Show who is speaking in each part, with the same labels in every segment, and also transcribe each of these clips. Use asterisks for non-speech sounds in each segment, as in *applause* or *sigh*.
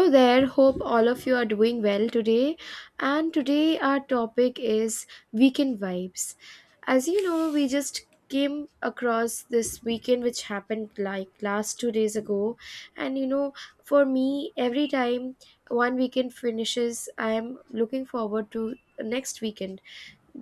Speaker 1: Hello there, hope all of you are doing well today. And today, our topic is weekend vibes. As you know, we just came across this weekend which happened like last 2 days ago. And for me, every time one weekend finishes, I am looking forward to next weekend,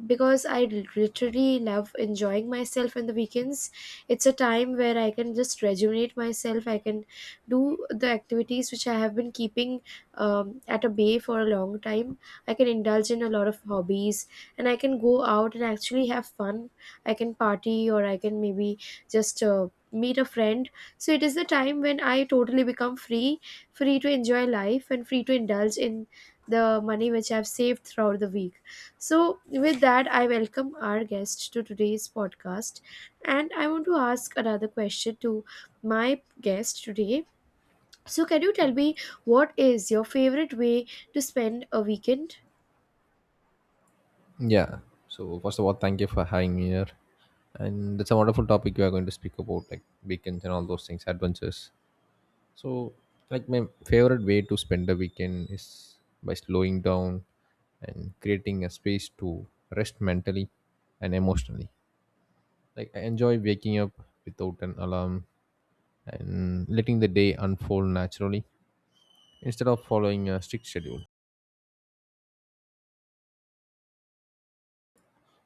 Speaker 1: because I literally love enjoying myself in the weekends. It's a time where I can just rejuvenate myself. I can do the activities which I have been keeping at a bay for a long time. I can indulge in a lot of hobbies, and I can go out and actually have fun. I can party, or I can maybe just meet a friend. So it is the time when I totally become free to enjoy life, and free to indulge in the money which I've saved throughout the week. So, with that, I welcome our guest to today's podcast. And I want to ask another question to my guest today. So, can you tell me, what is your favorite way to spend a weekend?
Speaker 2: Yeah. So first of all, thank you for having me here, and it's a wonderful topic you are going to speak about, like weekends and all those things, adventures. So, like my favorite way to spend a weekend is by slowing down and creating a space to rest mentally and emotionally. Like I enjoy waking up without an alarm and letting the day unfold naturally instead of following a strict schedule.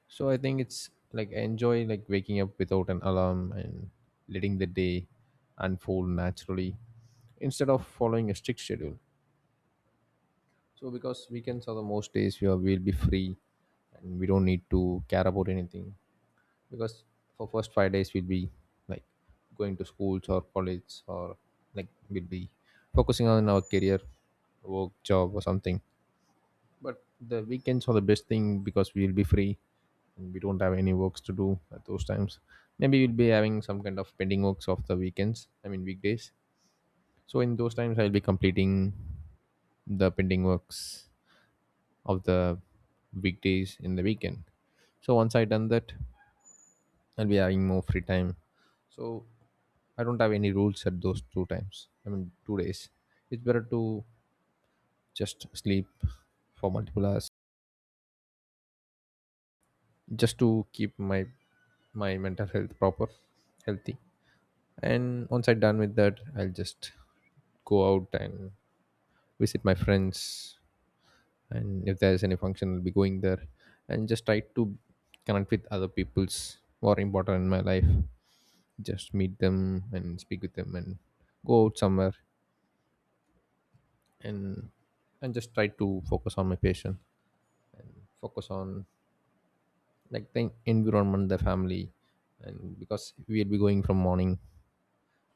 Speaker 2: So I think it's like I enjoy like waking up without an alarm and letting the day unfold naturally instead of following a strict schedule. So because weekends are the most days we'll be free, and we don't need to care about anything because for first 5 days we'll be like going to schools or college, or like we'll be focusing on our career, work, job, or something. But the weekends are the best thing because we'll be free, and we don't have any works to do at those times. Maybe we'll be having some kind of pending works of the weekends, I mean weekdays. So in those times I'll be completing the pending works of the weekdays in the weekend. So once I done that, I'll be having more free time. So I don't have any rules at those two times, I mean 2 days. It's better to just sleep for multiple hours just to keep my mental health proper, healthy. And once I'm done with that, I'll just go out and visit my friends, and if there's any function, I'll be going there and just try to connect with other people's who are important in my life, just meet them and speak with them and go out somewhere, and and just try to focus on my patient, and focus on like the environment, the family. And because we'll be going from morning,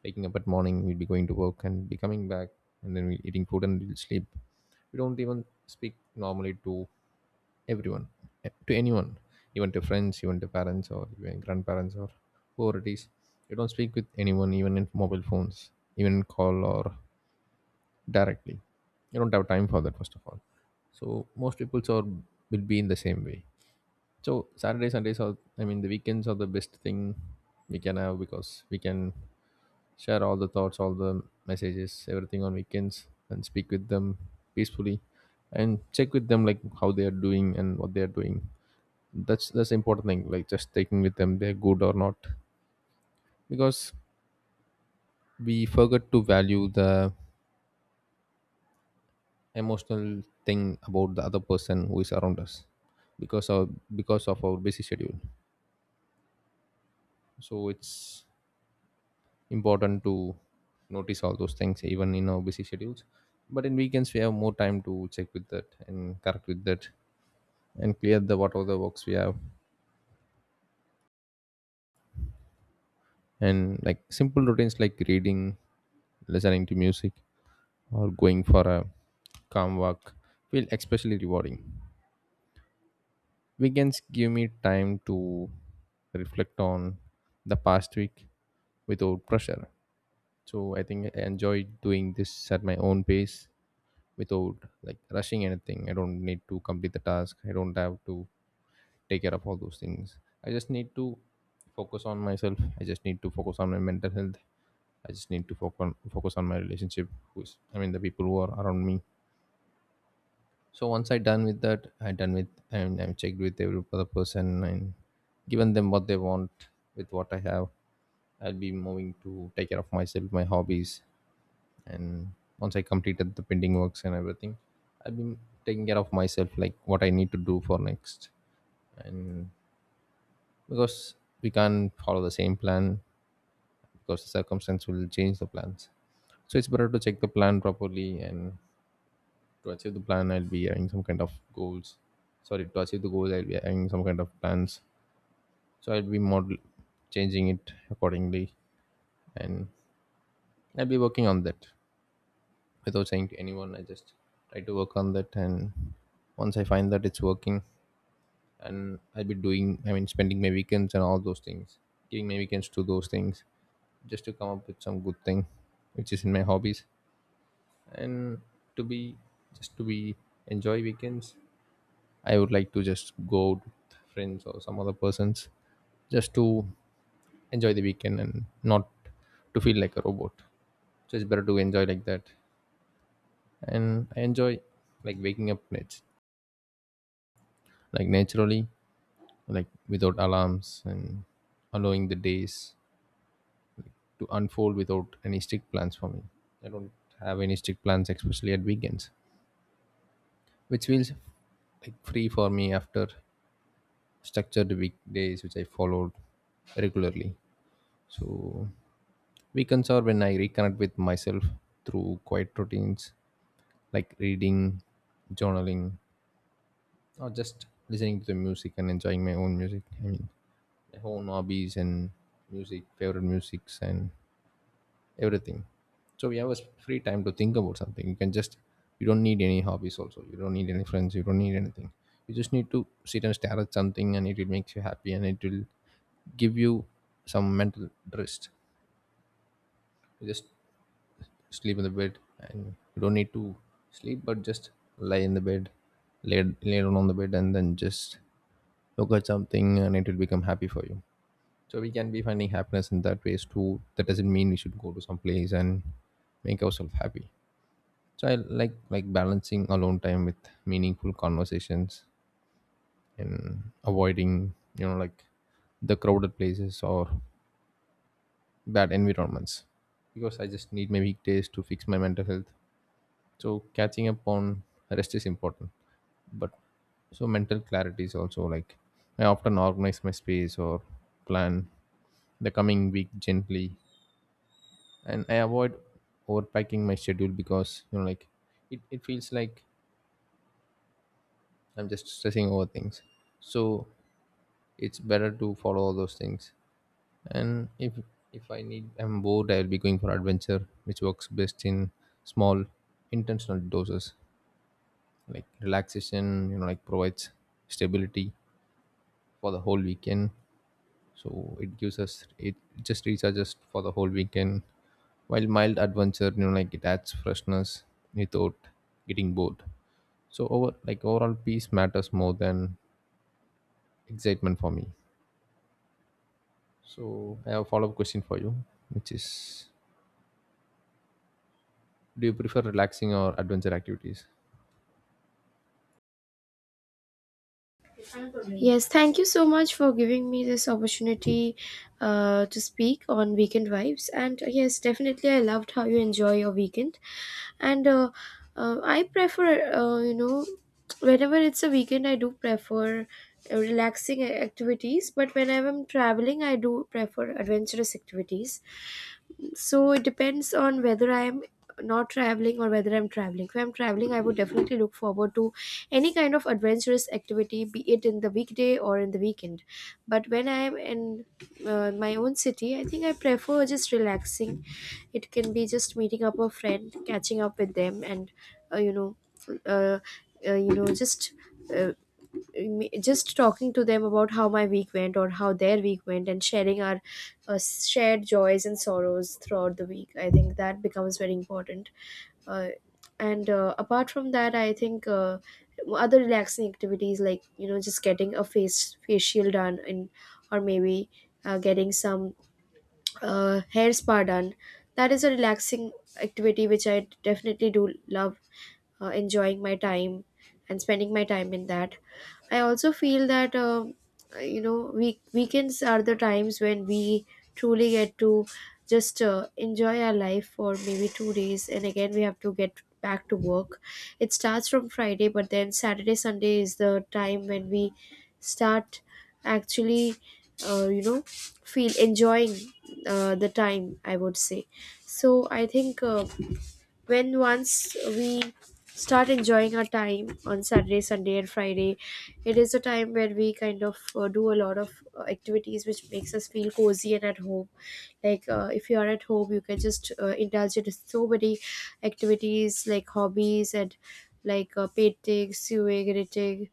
Speaker 2: waking up at morning, we'll be going to work and be coming back, and then we're eating food and we'll sleep. We don't even speak normally to everyone, to anyone, even to friends, even to parents, or even grandparents, or whoever it is. You don't speak with anyone, even in mobile phones, even in call or directly. You don't have time for that first of all. So most people are will be in the same way. So Saturday Sundays are, I mean the weekends are the best thing we can have, because we can share all the thoughts, all the messages, everything on weekends, and speak with them peacefully, and check with them like how they are doing and what they are doing. That's the important thing. Like just taking with them, they're good or not, because we forget to value the emotional thing about the other person who is around us, because of our busy schedule. So it's important to notice all those things even in our busy schedules, but in weekends we have more time to check with that and correct with that and clear the whatever the works we have, and like simple routines like reading, listening to music, or going for a calm walk feel especially rewarding. Weekends give me time to reflect on the past week without pressure. So I think I enjoy doing this at my own pace without like rushing anything. I don't need to complete the task. I don't have to take care of all those things. I just need to focus on myself. I just need to focus on my mental health. I just need to focus on, my relationship. Who's, I mean the people who are around me. So once I done with that, I done with, and I'm checked with every other person and given them what they want with what I have, I'll be moving to take care of myself, my hobbies, and once I completed the pending works and everything, I'll be taking care of myself, like what I need to do for next. And because we can't follow the same plan because the circumstance will change the plans. So it's better to check the plan properly, and to achieve the plan I'll be having some kind of goals. Sorry, to achieve the goals I'll be having some kind of plans. So I'll be model changing it accordingly, and I'll be working on that without saying to anyone. I just try to work on that, and once I find that it's working, and I'll be doing, I mean spending my weekends and all those things, giving my weekends to those things, just to come up with some good thing which is in my hobbies, and to be, just to be, enjoy weekends. I would like to just go out with friends or some other persons just to enjoy the weekend and not to feel like a robot. So it's better to enjoy like that. And I enjoy like waking up like naturally, like without alarms, and allowing the days to unfold without any strict plans for me. I don't have any strict plans, especially at weekends, which feels like free for me after structured weekdays which I followed regularly. So weekends are when I reconnect with myself through quiet routines like reading, journaling, or just listening to the music and enjoying my own music. I mean, my own hobbies and music, favorite musics, and everything. So we have a free time to think about something. You can just, you don't need any hobbies also. You don't need any friends. You don't need anything. You just need to sit and stare at something and it will make you happy, and it will give you some mental rest. You just sleep in the bed, and you don't need to sleep but just lie in the bed, lay down on the bed, and then just look at something and it will become happy for you. So we can be finding happiness in that ways too. That doesn't mean we should go to some place and make ourselves happy. So I like balancing alone time with meaningful conversations, and avoiding like the crowded places or bad environments, because I just need my weekdays to fix my mental health. So catching up on rest is important. But so mental clarity is also like, I often organize my space or plan the coming week gently, and I avoid overpacking my schedule because like it feels like I'm just stressing over things. So it's better to follow all those things, and if I need, I'm bored, I'll be going for adventure, which works best in small intentional doses. Like relaxation, like, provides stability for the whole weekend. So it gives us it just recharges for the whole weekend. While mild adventure, like, it adds freshness without getting bored. So overall peace matters more than excitement for me. So I have a follow-up question for you, which is, do you prefer relaxing or adventure activities?
Speaker 1: Yes, thank you so much for giving me this opportunity to speak on weekend vibes. And yes, definitely, I loved how you enjoy your weekend. And I prefer, whenever it's a weekend, I do prefer relaxing activities. But when I'm traveling, I do prefer adventurous activities. So it depends on whether I'm not traveling or whether I'm traveling. If I'm traveling, I would definitely look forward to any kind of adventurous activity, be it in the weekday or in the weekend. But when I'm in my own city, I think I prefer just relaxing. It can be just meeting up a friend, catching up with them, and uh, you know uh, uh, you know just uh, just talking to them about how my week went or how their week went, and sharing our shared joys and sorrows throughout the week. I think that becomes very important. uh, and apart from that, I think other relaxing activities, like just getting a face facial done, and or maybe getting some hair spa done. That is a relaxing activity which I definitely do love enjoying my time and spending my time in. That. I also feel that weekends are the times when we truly get to just enjoy our life for maybe 2 days, and again we have to get back to work. It starts from Friday, but then Saturday Sunday is the time when we start actually feel enjoying the time, I would say. So I think when once we start enjoying our time on Saturday Sunday and Friday, it is a time where we kind of do a lot of activities which makes us feel cozy and at home. Like if you are at home, you can just indulge in so many activities like hobbies, and like painting, sewing, knitting,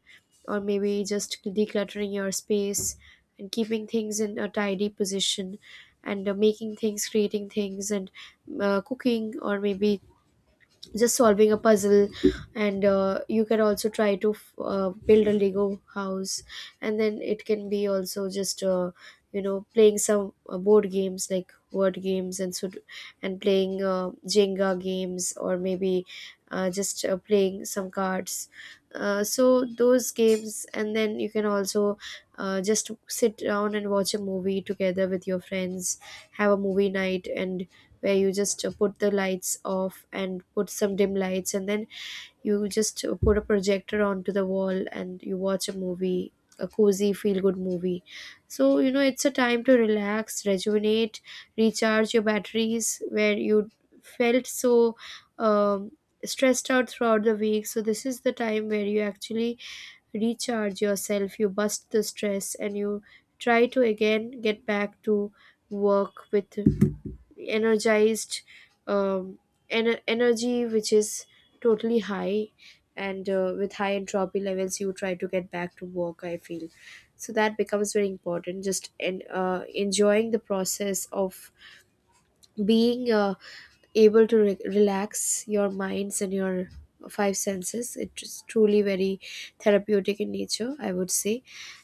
Speaker 1: or maybe just decluttering your space and keeping things in a tidy position. And making things, creating things, and cooking, or maybe just solving a puzzle. And you can also try to build a Lego house. And then it can be also just you know playing some board games like word games, and and playing Jenga games, or maybe just playing some cards. So those games, and then you can also just sit down and watch a movie together with your friends, have a movie night, and where you just put the lights off and put some dim lights, and then you just put a projector onto the wall and you watch a movie, a cozy feel good movie. So you know it's a time to relax, rejuvenate, recharge your batteries, where you felt so um, stressed out throughout the week. So this is the time where you actually recharge yourself, you bust the stress, and you try to again get back to work with energized um, energy which is totally high. And with high entropy levels, you try to get back to work, I feel. So that becomes very important, just, and enjoying the process of being able to relax your minds and your five senses. It's truly very therapeutic in nature, I would say.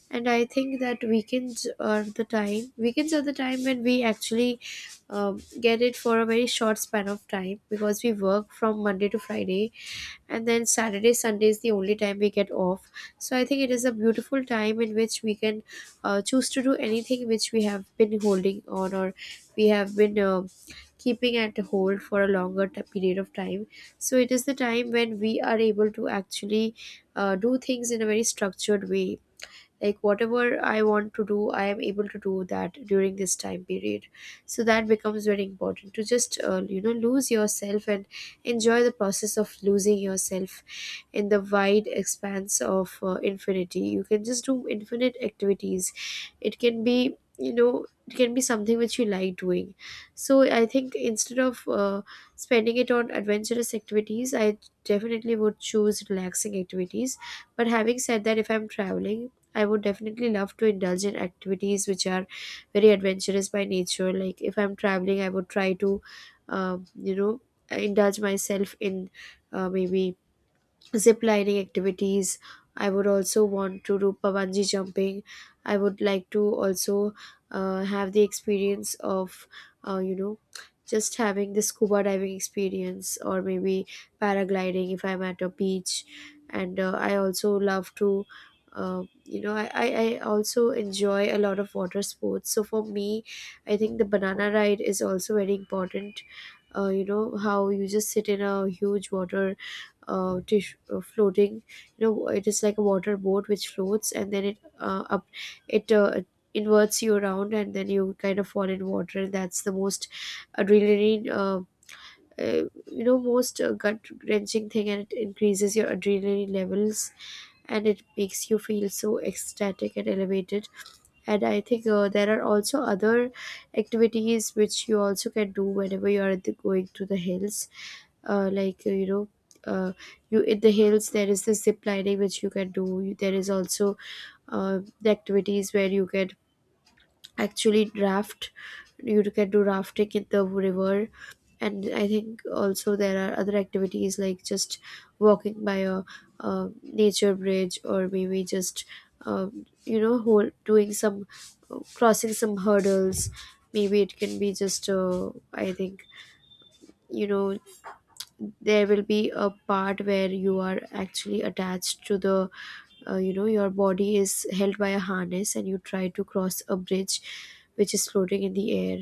Speaker 1: And I think that weekends are the time when we actually get it for a very short span of time, because we work from Monday to Friday, and then Saturday Sunday is the only time we get off. So I think it is a beautiful time in which we can choose to do anything which we have been holding on, or we have been keeping at hold for a longer period of time. So it is the time when we are able to actually do things in a very structured way, like whatever I want to do, I am able to do that during this time period. So that becomes very important, to just you know lose yourself and enjoy the process of losing yourself in the wide expanse of infinity. You can just do infinite activities. It can be, you know, it can be something which you like doing. So I think instead of spending it on adventurous activities, I definitely would choose relaxing activities. But having said that, if I'm traveling, I would definitely love to indulge in activities which are very adventurous by nature. Like if I'm traveling, I would try to, um, you know, indulge myself in maybe zip lining activities. I would also want to do bungee jumping. I would like to also have the experience of you know just having the scuba diving experience, or maybe paragliding if I'm at a beach. And I also love to you know I also enjoy a lot of water sports. So for me, I think the banana ride is also very important. You know how you just sit in a huge water dish floating. You know, it is like a water boat which floats, and then it up it inverts you around, and then you kind of fall in water. That's the most adrenaline you know most gut wrenching thing, and it increases your adrenaline levels, and it makes you feel so ecstatic and elevated. And I think there are also other activities which you also can do whenever you are going to the hills. Like you know uh, you in the hills there is the zip lining which you can do. There is also the activities where you can actually raft. You can do rafting in the river. And I think also there are other activities like just walking by a, nature bridge, or maybe just you know doing some, crossing some hurdles. Maybe it can be just I think you know there will be a part where you are actually attached to the you know your body is held by a harness, and you try to cross a bridge which is floating in the air.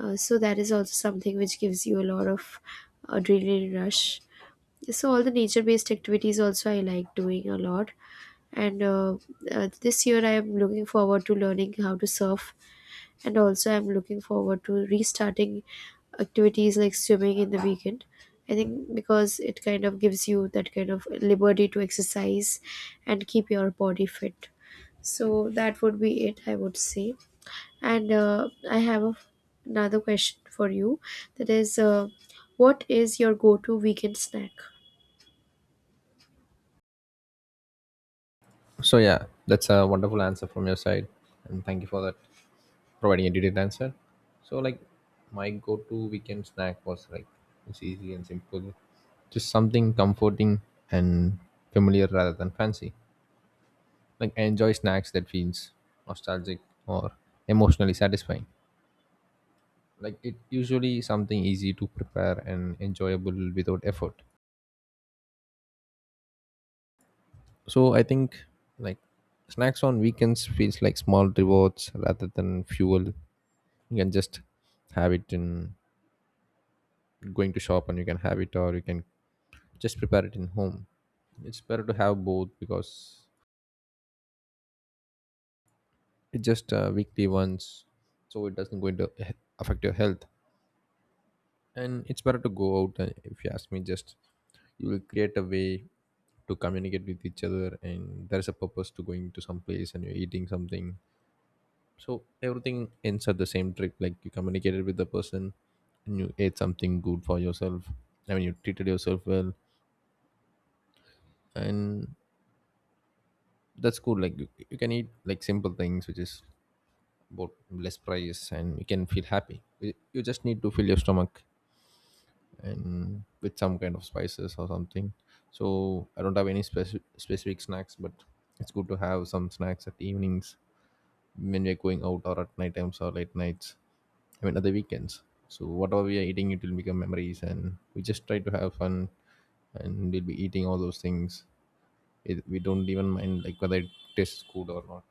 Speaker 1: So that is also something which gives you a lot of adrenaline rush. So all the nature based activities also, I like doing a lot. And this year, I am looking forward to learning how to surf, and also I'm looking forward to restarting activities like swimming in the weekend. I think because it kind of gives you that kind of liberty to exercise and keep your body fit. So that would be it, I would say. And I have a, another question for you, that is, what is your go to weekend snack?
Speaker 2: So yeah, that's a wonderful answer from your side, and thank you for that, providing a detailed answer. So like my go-to weekend snack was like it's easy and simple, just something comforting and familiar rather than fancy. Like I enjoy snacks that feels nostalgic or emotionally satisfying. Like it usually something easy to prepare and enjoyable without effort. So I think like snacks on weekends feels like small rewards rather than fuel. You can just have it in going to shop and you can have it, or you can just prepare it in home. It's better to have both, because it's just weekly once, so it doesn't going to affect your health. And it's better to go out, and if you ask me, just you will create a way to communicate with each other, and there's a purpose to going to some place and you're eating something. So everything ends at the same trip, like you communicated with the person and you ate something good for yourself. I mean, you treated yourself well. And that's cool. Like you can eat like simple things which is about less price, and you can feel happy. You just need to fill your stomach, and with some kind of spices or something. So I don't have any specific snacks, but it's good to have some snacks at evenings when we're going out, or at night times or late nights, I mean at the weekends. So whatever we are eating it will become memories, and we just try to have fun, and we'll be eating all those things. We don't even mind like whether it tastes good or not.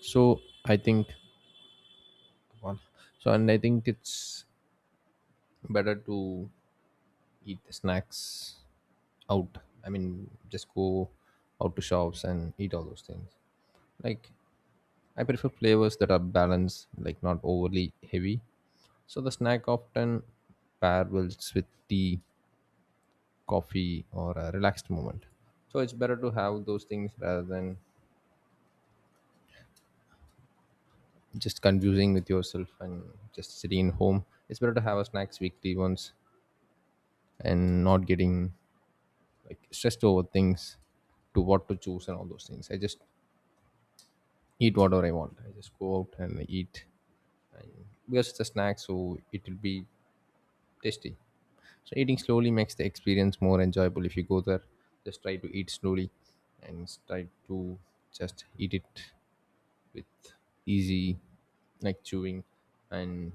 Speaker 2: So I think, well, so and I think it's better to eat the snacks out. I mean, just go out to shops and eat all those things. Like, I prefer flavors that are balanced, like not overly heavy. So the snack often pair well with tea, coffee, or a relaxed moment. So it's better to have those things rather than just confusing with yourself and just sitting in home. It's better to have a snacks weekly once and not getting like stressed over things to what to choose and all those things. I just eat whatever I want. I just go out and eat, and because it's a snack, so it will be tasty. So eating slowly makes the experience more enjoyable. If you go there, just try to eat slowly, and try to just eat it with easy, like chewing, and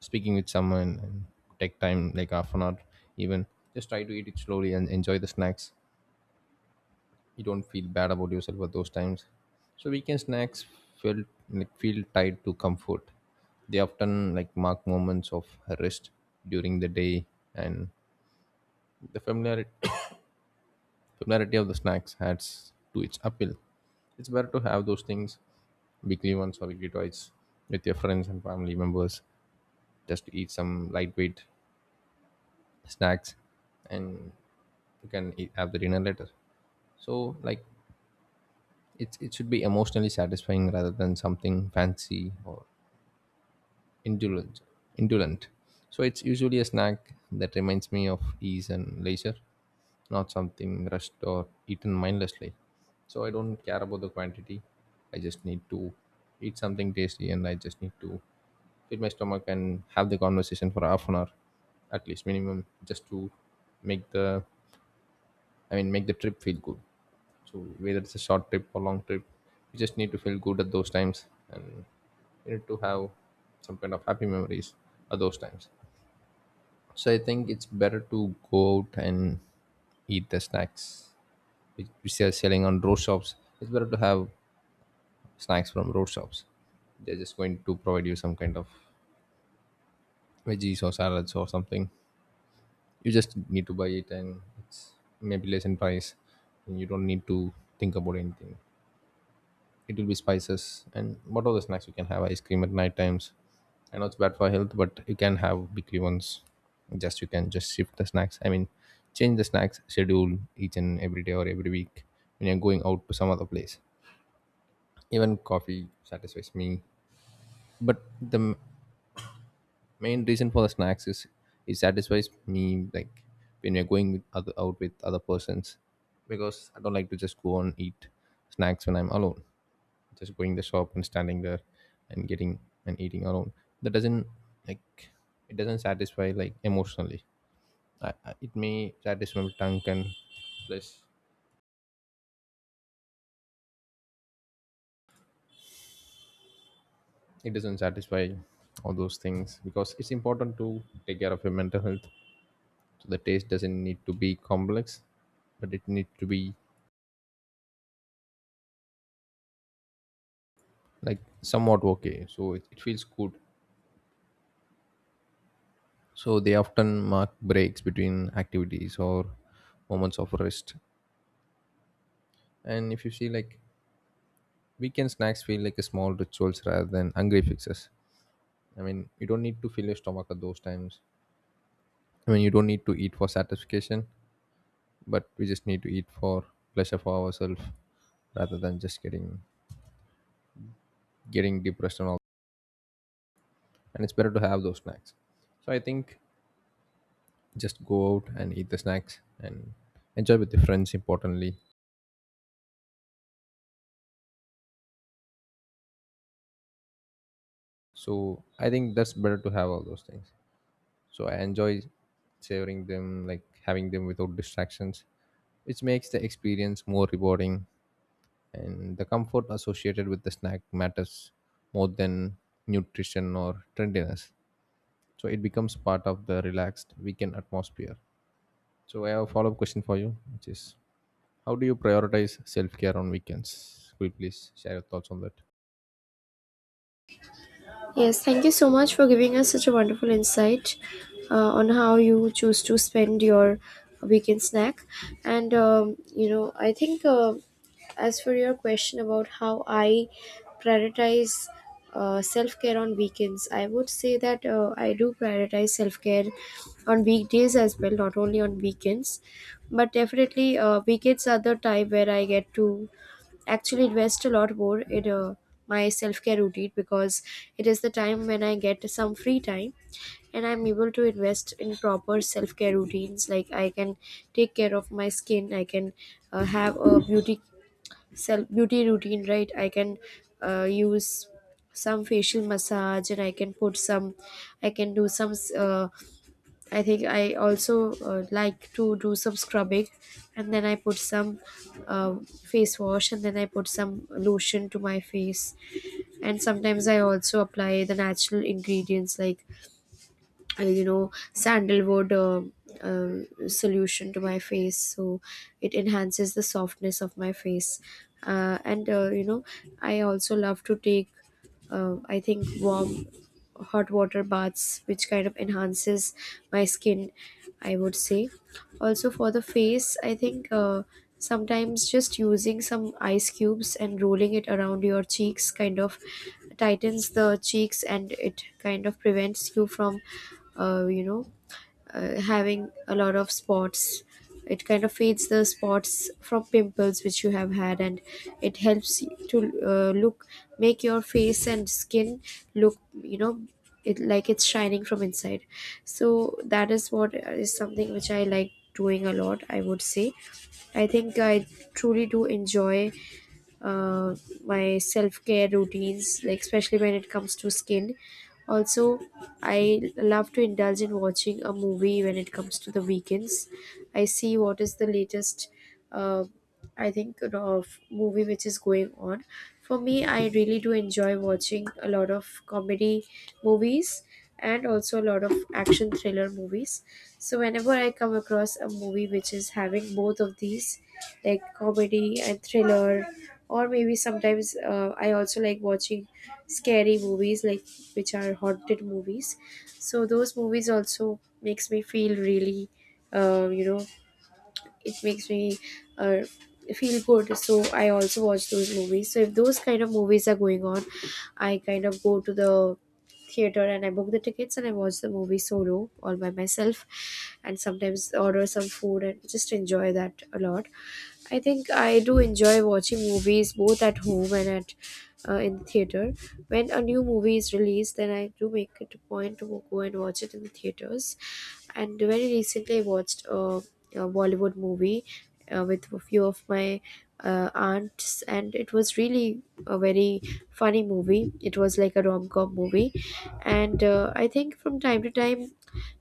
Speaker 2: speaking with someone, and take time like half an hour even. Just try to eat it slowly and enjoy the snacks. You don't feel bad about yourself at those times. So weekend snacks feel feel tied to comfort. They often like mark moments of rest during the day, and the familiarity *coughs* familiarity of the snacks adds to its appeal. It's better to have those things weekly once or weekly twice with your friends and family members just to eat some lightweight snacks, and you can eat, have the dinner later. So like it should be emotionally satisfying rather than something fancy or indulgent, indolent. So it's usually a snack that reminds me of ease and leisure, not something rushed or eaten mindlessly. So I don't care about the quantity. I just need to eat something tasty, and I just need to fill my stomach and have the conversation for half an hour at least minimum just to make the make the trip feel good. So whether it's a short trip or long trip, you just need to feel good at those times, and you need to have some kind of happy memories at those times. So I think it's better to go out and eat the snacks which they are selling on road shops. It's better to have snacks from road shops. They're just going to provide you some kind of veggies or salads or something. You just need to buy it, and it's maybe less in price, and you don't need to think about anything. It will be spices. And what are the snacks? You can have ice cream at night times. I know it's bad for health, but you can have weekly ones. Just you can just shift the snacks, I mean change the snacks schedule each and every day or every week when you're going out to some other place. Even coffee satisfies me, but main reason for the snacks is it satisfies me, like when you're going with out with other persons, because I don't like to just go and eat snacks when I'm alone. Just going the shop and standing there and getting and eating alone, that doesn't, like, it doesn't satisfy like emotionally. It may satisfy my tongue, and plus it doesn't satisfy all those things, because it's important to take care of your mental health. So the taste doesn't need to be complex, but it need to be like somewhat okay, so it feels good. So they often mark breaks between activities or moments of rest. And if you see, like, weekend snacks feel like a small rituals rather than hungry fixes. I mean, you don't need to fill your stomach at those times. I mean, you don't need to eat for satisfaction, but we just need to eat for pleasure for ourselves rather than just getting depressed and all. And it's better to have those snacks. So I think just go out and eat the snacks and enjoy with your friends. Importantly, so I think that's better to have all those things. So I enjoy savoring them, like having them without distractions, which makes the experience more rewarding, and the comfort associated with the snack matters more than nutrition or trendiness. So it becomes part of the relaxed weekend atmosphere. So I have a follow-up question for you, which is, how do you prioritize self-care on weekends? Could you please share your thoughts on that?
Speaker 1: Yes, thank you so much for giving us such a wonderful insight on how you choose to spend your weekend snack. And, you know, I think as for your question about how I prioritize self care on weekends, I would say that I do prioritize self care on weekdays as well, not only on weekends. But definitely, weekends are the time where I get to actually invest a lot more in my self-care routine, because it is the time when I get some free time, and I'm able to invest in proper self-care routines. Like I can take care of my skin. I can have a beauty self beauty routine, right? I can use some facial massage, and I can put some, I can do some I think I also like to do some scrubbing, and then I put some uh, face wash, and then I put some lotion to my face. And sometimes I also apply the natural ingredients like, you know, sandalwood solution to my face. So it enhances the softness of my face. And, you know, I also love to take, I think, warm hot water baths which kind of enhances my skin, I would say. Also for the face, I think sometimes just using some ice cubes and rolling it around your cheeks kind of tightens the cheeks, and it kind of prevents you from you know having a lot of spots. It kind of fades the spots from pimples which you have had, and it helps you to look make your face and skin look, you know, it like it's shining from inside. So that is what is something which I like doing a lot, I would say. I think I truly do enjoy uh, my self-care routines, like especially when it comes to skin. Also, I love to indulge in watching a movie when it comes to the weekends. I see what is the latest uh, I think, you know, of movie which is going on. For me, I really do enjoy watching a lot of comedy movies, and also a lot of action thriller movies. So whenever I come across a movie which is having both of these, like comedy and thriller, or maybe sometimes I also like watching scary movies, like which are haunted movies. So those movies also makes me feel really, uh, you know, it makes me uh, feel good. So I also watch those movies. So if those kind of movies are going on, I kind of go to the theater and I book the tickets, and I watch the movie solo all by myself, and sometimes order some food and just enjoy that a lot. I think I do enjoy watching movies both at home and at in the theater. When a new movie is released, then I do make it a point to go and watch it in the theaters. And very recently, I watched a Bollywood movie with a few of my aunts, and it was really a very funny movie. It was like a rom com movie. And I think from time to time,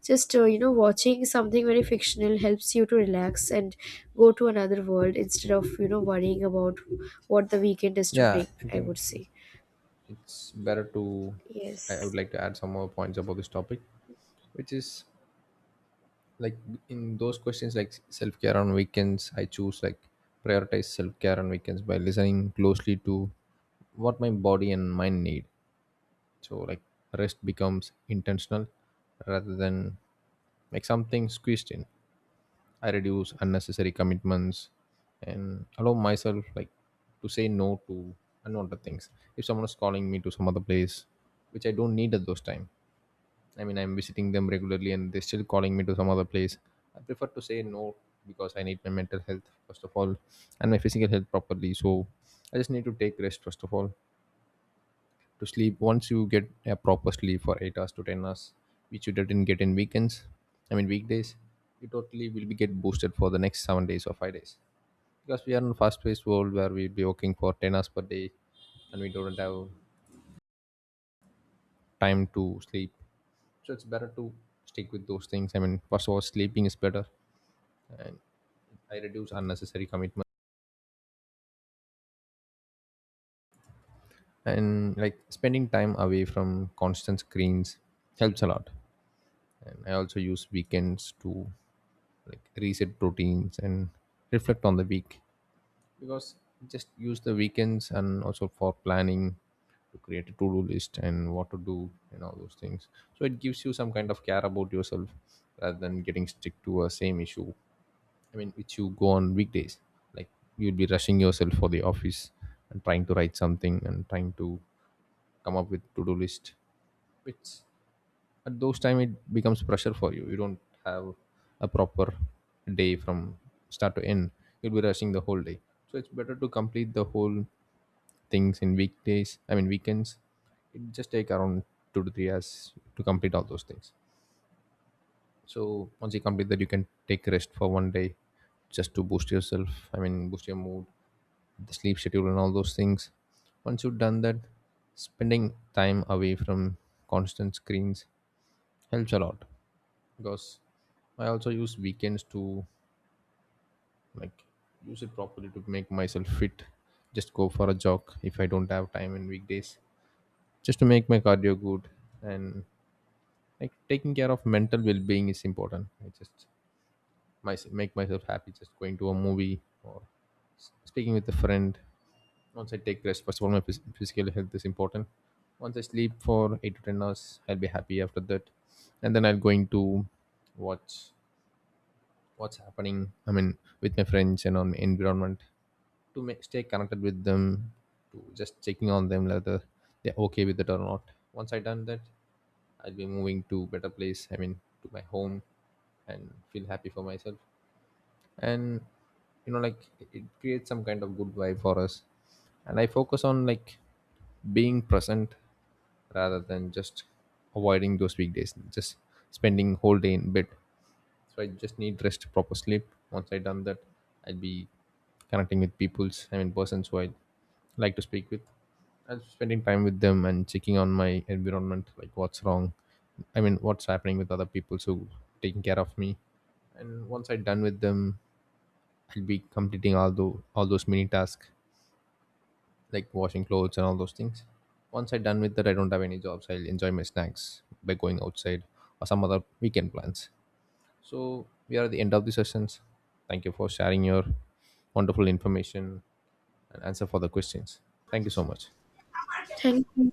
Speaker 1: just you know watching something very fictional helps you to relax and go to another world, instead of you know worrying about what the weekend is to
Speaker 2: Yeah,
Speaker 1: bring,
Speaker 2: I
Speaker 1: I would
Speaker 2: think
Speaker 1: say.
Speaker 2: it's better to, I
Speaker 1: Yes.
Speaker 2: would like to add some more points about this topic, which is, like, in those questions like self-care on weekends, I choose, like, prioritize self-care on weekends by listening closely to what my body and mind need. So like rest becomes intentional rather than like something squeezed in. I reduce unnecessary commitments and allow myself, like, to say no to unwanted things. If someone is calling me to some other place which I don't need at those time, I mean, I'm visiting them regularly and they're still calling me to some other place, I prefer to say no, because I need my mental health, first of all, and my physical health properly. So I just need to take rest, first of all, to sleep. Once you get a proper sleep for 8 hours to 10 hours, which you didn't get in weekends, I mean, weekdays, you totally will be get boosted for the next 7 days or 5 days. Because we are in a fast paced world where we'll be working for 10 hours per day and we don't have time to sleep. So it's better to stick with those things. I mean, first of all, sleeping is better. And I reduce unnecessary commitment, and like spending time away from constant screens helps a lot. And I also use weekends to like reset routines and reflect on the week, because just use the weekends and also for planning to create a to-do list and what to do and all those things. So it gives you some kind of care about yourself rather than getting stuck to a same issue, I mean, which you go on weekdays. Like you'll be rushing yourself for the office and trying to write something and trying to come up with to-do list. Which at those time it becomes pressure for you. You don't have a proper day from start to end. You'll be rushing the whole day. So it's better to complete the whole things in weekdays. I mean weekends. It just take around 2 to 3 hours to complete all those things. So once you complete that, you can take rest for 1 day just to boost yourself. I mean, boost your mood, the sleep schedule and all those things. Once you've done that, spending time away from constant screens helps a lot, because I also use weekends to, like, use it properly to make myself fit. Just go for a jog if I don't have time in weekdays, just to make my cardio good. And like taking care of mental well-being is important. I just, make myself happy just going to a movie or speaking with a friend. Once I take rest, first of all, my physical health is important. Once I sleep for 8 to 10 hours, I'll be happy after that, and then I'll going to watch what's happening. I mean, with my friends and on my environment, to make, stay connected with them, to just checking on them whether they're okay with it or not. Once I done that, I'll be moving to better place. I mean, to my home, and feel happy for myself. And you know, like, it creates some kind of good vibe for us. And I focus on like being present rather than just avoiding those weekdays just spending whole day in bed. So I just need rest, proper sleep. Once I done that, I'll be connecting with peoples, I mean persons who I like to speak with. I'm spending time with them and checking on my environment, like what's wrong, I mean what's happening with other people. So taking care of me, and once I done with them, I'll be completing all those mini tasks like washing clothes and all those things. Once I'm done with that, I don't have any jobs. I'll enjoy my snacks by going outside or some other weekend plans. So we are at the end of the sessions. Thank you for sharing your wonderful information and answer for the questions. Thank you so much.
Speaker 1: Thank you.